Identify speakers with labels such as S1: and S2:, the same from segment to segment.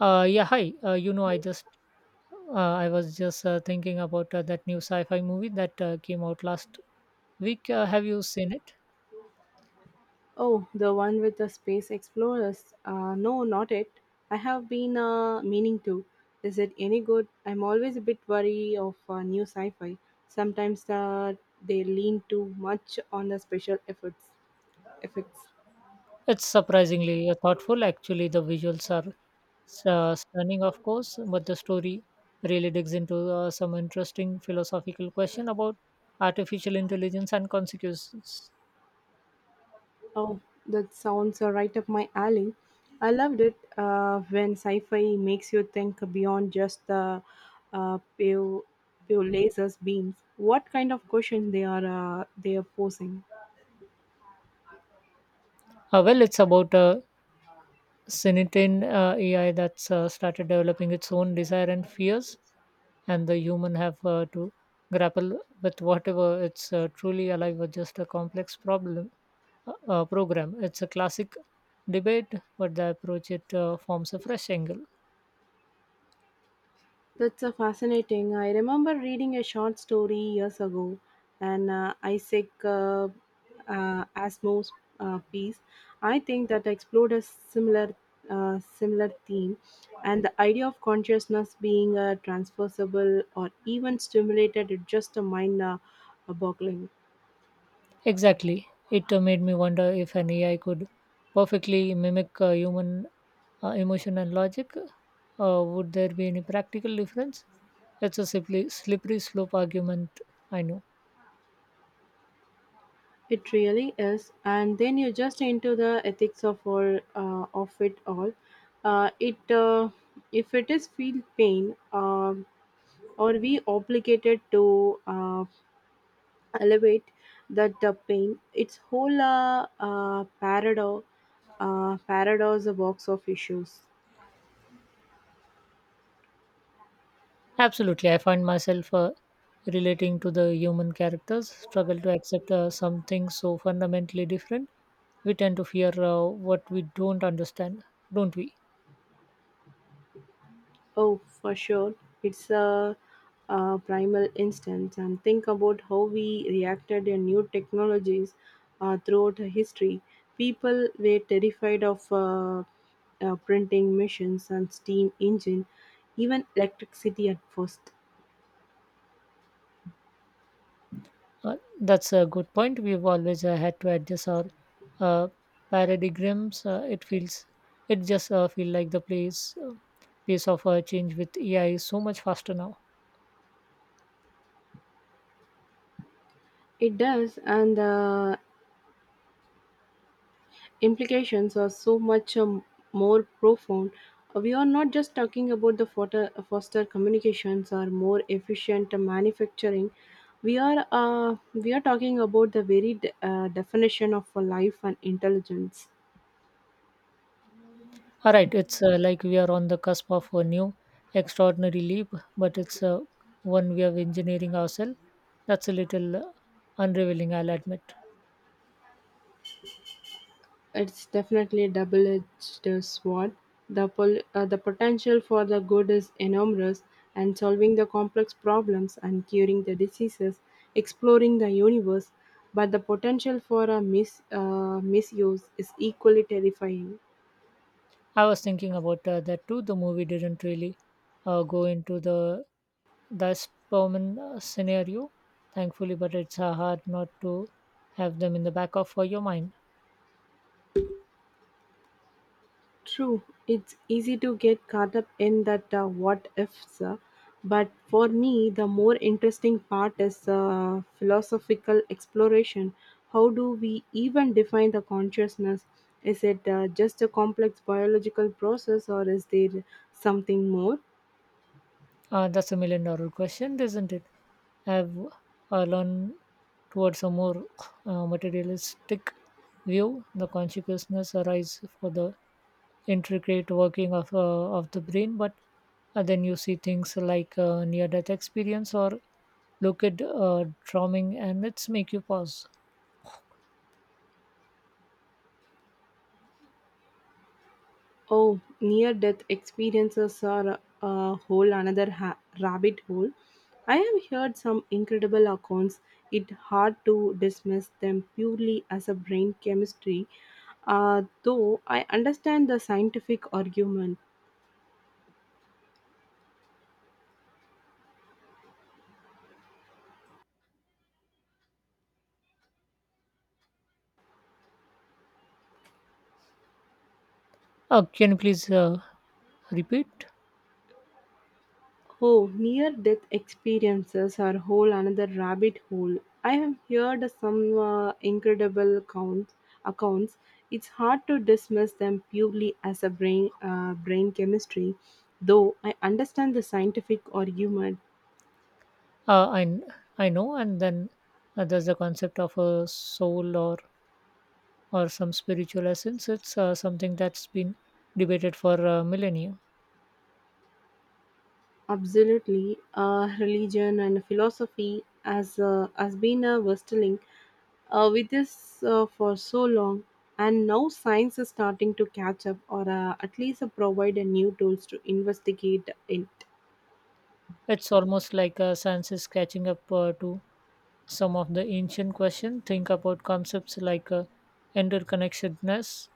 S1: Yeah, hi. I was just thinking about that new sci-fi movie that came out last week. Have you seen it?
S2: Oh, the one with the space explorers. No, not it. I have been meaning to. Is it any good? I'm always a bit wary of new sci-fi. Sometimes they lean too much on the special efforts. Effects.
S1: It's surprisingly thoughtful. Actually, the visuals are stunning, of course, but the story really digs into some interesting philosophical question about artificial intelligence and consequences.
S2: Oh, that sounds right up my alley. I loved it when sci-fi makes you think beyond just the pale, pale lasers beams. What kind of question they are posing?
S1: Well, it's about sentient AI that's started developing its own desire and fears, and the human have to grapple with whatever it's truly alive or just a complex problem program. It's a classic debate, but the approach it forms a fresh angle.
S2: That's a fascinating. I remember reading a short story years ago, an Isaac Asimov's piece. I think that explored a similar theme, and the idea of consciousness being transferable or even stimulated is just a mind boggling.
S1: Exactly. It made me wonder if an ai could perfectly mimic human emotion and logic. Would there be any practical difference? It's a simply slippery slope argument, I know.
S2: It really is, and then you just into the ethics of all of it all. It If it is feel pain. Or we obligated to elevate that the pain its whole paradox paradox a box of issues.
S1: Absolutely. I find myself relating to the human characters, struggle to accept something so fundamentally different. We tend to fear what we don't understand, don't we?
S2: Oh, for sure, it's a, primal instance, and think about how we reacted in new technologies throughout history. People were terrified of printing machines and steam engine, even electricity at first.
S1: That's a good point. We've always had to adjust our uh, paradigms. It just feel like the pace of change with AI is so much faster now.
S2: It does, and implications are so much more profound. We are not just talking about the foster communications or more efficient manufacturing. We are talking about the very definition of a life and intelligence.
S1: All right, it's like we are on the cusp of a new extraordinary leap, but it's one way of engineering ourselves. That's a little unrevealing, I'll admit.
S2: It's definitely a double-edged sword. The potential for the good is enormous, and solving the complex problems and curing the diseases, exploring the universe. But the potential for a misuse is equally terrifying.
S1: I was thinking about that too. The movie didn't really go into the that's common scenario, thankfully, but it's hard not to have them in the back of your mind.
S2: True, it's easy to get caught up in that what ifs, but for me, the more interesting part is philosophical exploration. How do we even define the consciousness? Is it just a complex biological process, or is there something more?
S1: That's a million dollar question, isn't it? I've learned towards a more materialistic view. The consciousness arises for the intricate working of the brain, but then you see things like near death experience or look at drumming, and it's make you pause.
S2: Oh, near death experiences are a whole another rabbit hole. I have heard some incredible accounts. It's hard to dismiss them purely as a brain chemistry, though I understand the scientific argument.
S1: Can you please repeat?
S2: Oh, near death experiences are whole another rabbit hole. I have heard some incredible accounts. It's hard to dismiss them purely as a brain chemistry, though I understand the scientific argument.
S1: Uh, I, I know, and then there's the concept of a soul or some spiritual essence. It's something that's been debated for millennia.
S2: Absolutely, religion and philosophy as has been a with this for so long, and now science is starting to catch up, or at least provide a new tools to investigate it.
S1: It's almost like science is catching up to some of the ancient questions. Think about concepts like interconnectedness,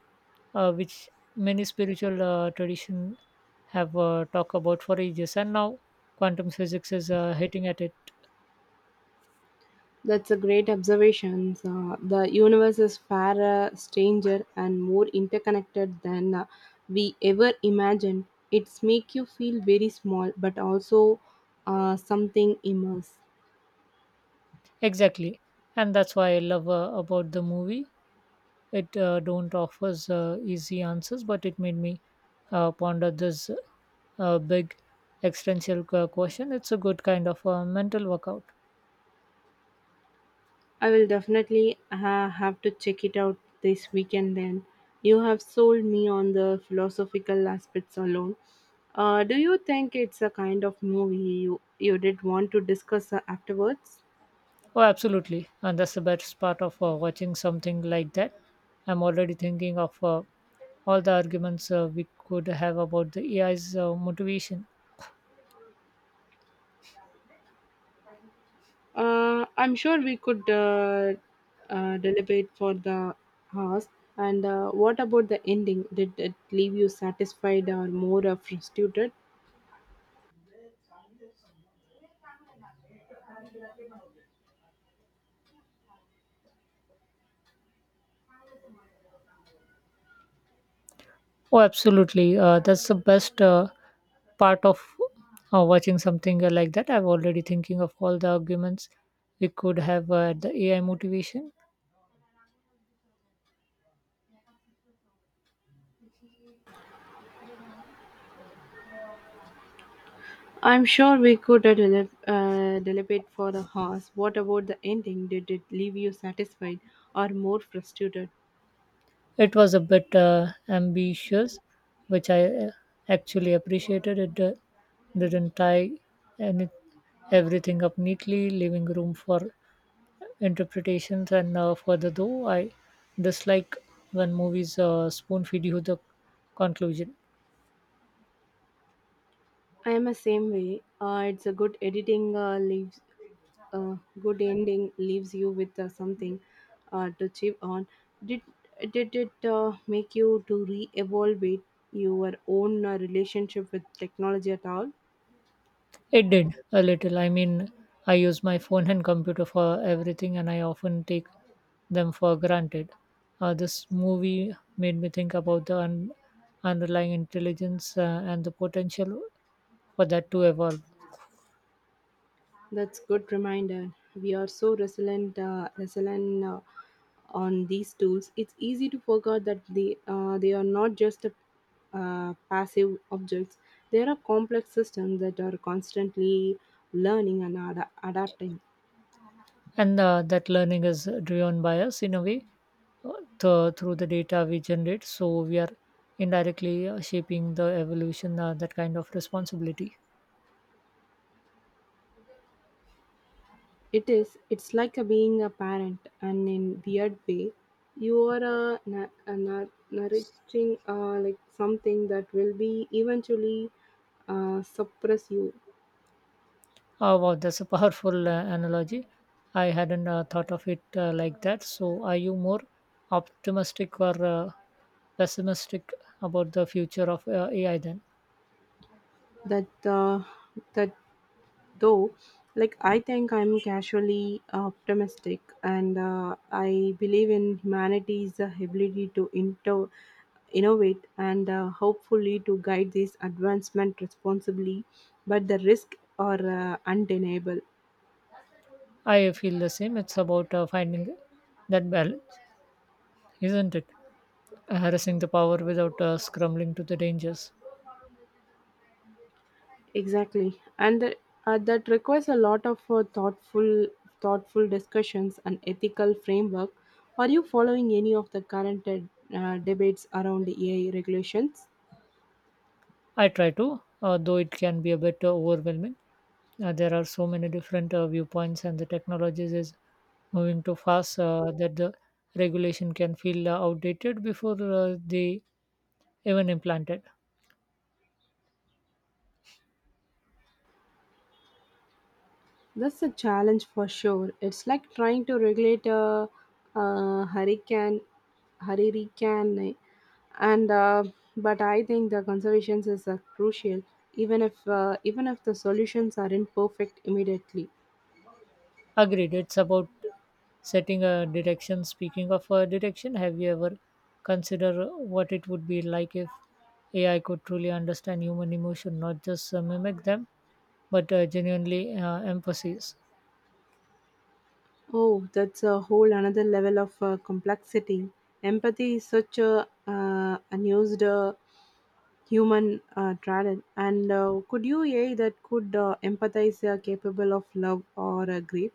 S1: which many spiritual traditions have talked about for ages, and now quantum physics is hitting at it.
S2: That's a great observation, the universe is far stranger and more interconnected than we ever imagined. It's make you feel very small, but also something immense.
S1: Exactly. And that's why I love about the movie. It don't offers easy answers, but it made me ponder this big existential question. It's a good kind of mental workout.
S2: I will definitely have to check it out this weekend then. You have sold me on the philosophical aspects alone. Do you think it's a kind of movie you did want to discuss afterwards?
S1: Oh, absolutely, and that's the best part of watching something like that. I'm already thinking of all the arguments we could have about the ai's motivation.
S2: I'm sure we could deliberate for the hours. And what about the ending? Did it leave you satisfied or more frustrated?
S1: Oh, absolutely, that's the best part of watching something like that. I'm already thinking of all the arguments we could have at the AI motivation.
S2: I'm sure we could deliberate for the horse. What about the ending? Did it leave you satisfied or more frustrated?
S1: It was a bit ambitious, which I actually appreciated. It didn't tie any, everything up neatly, leaving room for interpretations and further though. I dislike when movies spoon feed you the conclusion.
S2: I am the same way. It's a good editing leaves uh, good ending leaves you with something to chip on. Did did it make you to re-evaluate your own relationship with technology at all?
S1: It did a little. I mean, I use my phone and computer for everything, and I often take them for granted. This movie made me think about the underlying intelligence and the potential for that to evolve.
S2: That's good reminder. We are so resilient, on these tools. It's easy to forget that they are not just passive objects. They are complex systems that are constantly learning and adapting.
S1: And that learning is driven by us in a way, uh, through the data we generate. So we are indirectly shaping the evolution, that kind of responsibility.
S2: It is. It's like a being a parent, and in weird way, you are nourishing like something that will be eventually suppress you.
S1: Oh, wow, that's a powerful analogy. I hadn't thought of it like that. So, are you more optimistic or pessimistic about the future of AI then?
S2: That uh, that though, like I think I'm casually optimistic, and I believe in humanity's ability to innovate, and hopefully to guide this advancement responsibly, but the risk are undeniable.
S1: I feel the same. It's about finding that balance, isn't it? Harnessing the power without scrambling to the dangers.
S2: Exactly, and that requires a lot of thoughtful discussions and ethical framework. Are you following any of the current debates around AI regulations?
S1: I try to, though it can be a bit overwhelming. There are so many different viewpoints, and the technologies is moving too fast that the regulation can feel outdated before they even implanted.
S2: That's a challenge for sure. It's like trying to regulate a, uh hurricane, hurricane, and but I think the conservations is crucial, even if the solutions aren't perfect immediately.
S1: Agreed. It's about setting a direction. Speaking of a direction, have you ever considered what it would be like if AI could truly understand human emotion, not just mimic them, but genuinely empathize?
S2: Oh, that's a whole another level of complexity. Empathy is such a unused human talent, and could you AI that could empathize capable of love or grief?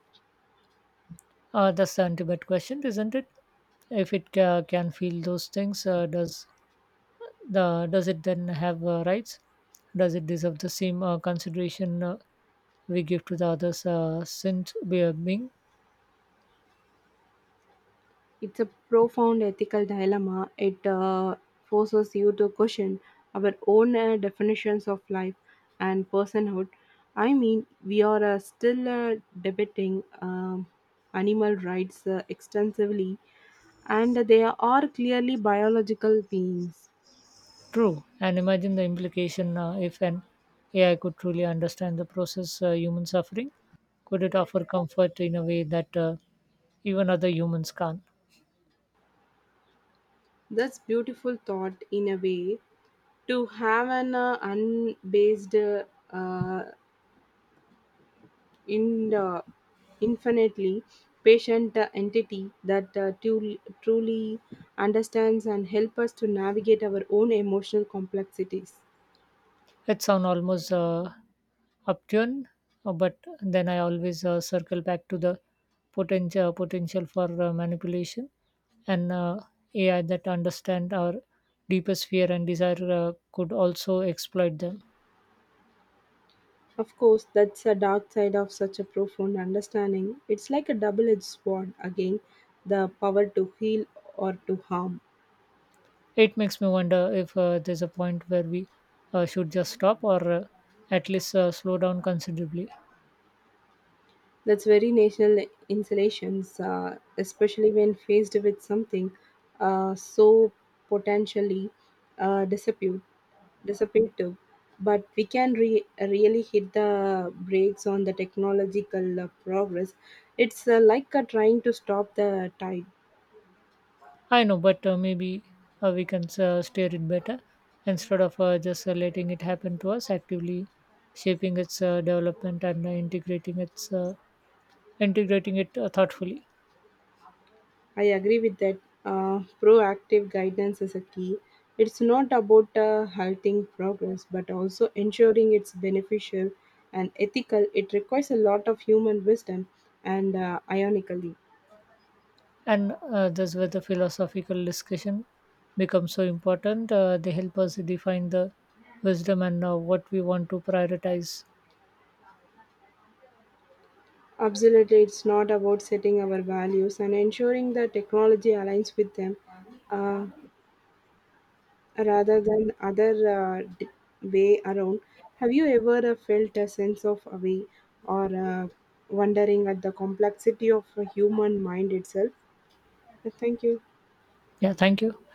S1: That's the ultimate question, isn't it? If it can feel those things, does it then have rights? Does it deserve the same consideration, we give to the others since we are being
S2: It's a profound ethical dilemma. It forces you to question our own definitions of life and personhood. I mean, we are still debating animal rights extensively, and they are clearly biological beings.
S1: true? And imagine the implication if an AI could truly understand the process human suffering, could it offer comfort in a way that even other humans can't?
S2: That's beautiful thought in a way to have an unbased uh, in infinitely patient entity that truly understands and helps us to navigate our own emotional complexities.
S1: It sounds almost upturn, but then I always circle back to the potential for manipulation, and AI that understand our deepest fear and desire could also exploit them.
S2: Of course, that's a dark side of such a profound understanding. It's like a double edged sword again, the power to heal or to harm.
S1: It makes me wonder if there's a point where we should just stop or at least slow down considerably.
S2: That's very national installations, especially when faced with something so potentially uh, dispute, dissipative. But we can really hit the brakes on the technological progress. It's like trying to stop the tide.
S1: I know, but maybe we can steer it better instead of just letting it happen to us. Actively shaping its development and integrating it thoughtfully.
S2: I agree with that. Proactive guidance is a key. It's not about halting progress, but also ensuring it's beneficial and ethical. It requires a lot of human wisdom and ironically.
S1: And that's where the philosophical discussion becomes so important. They help us define the wisdom and what we want to prioritize.
S2: Absolutely, it's not about setting our values and ensuring that technology aligns with them. Uh, rather than other way around. Have you ever felt a sense of awe or wondering at the complexity of a human mind itself? Thank you.
S1: Yeah, thank you.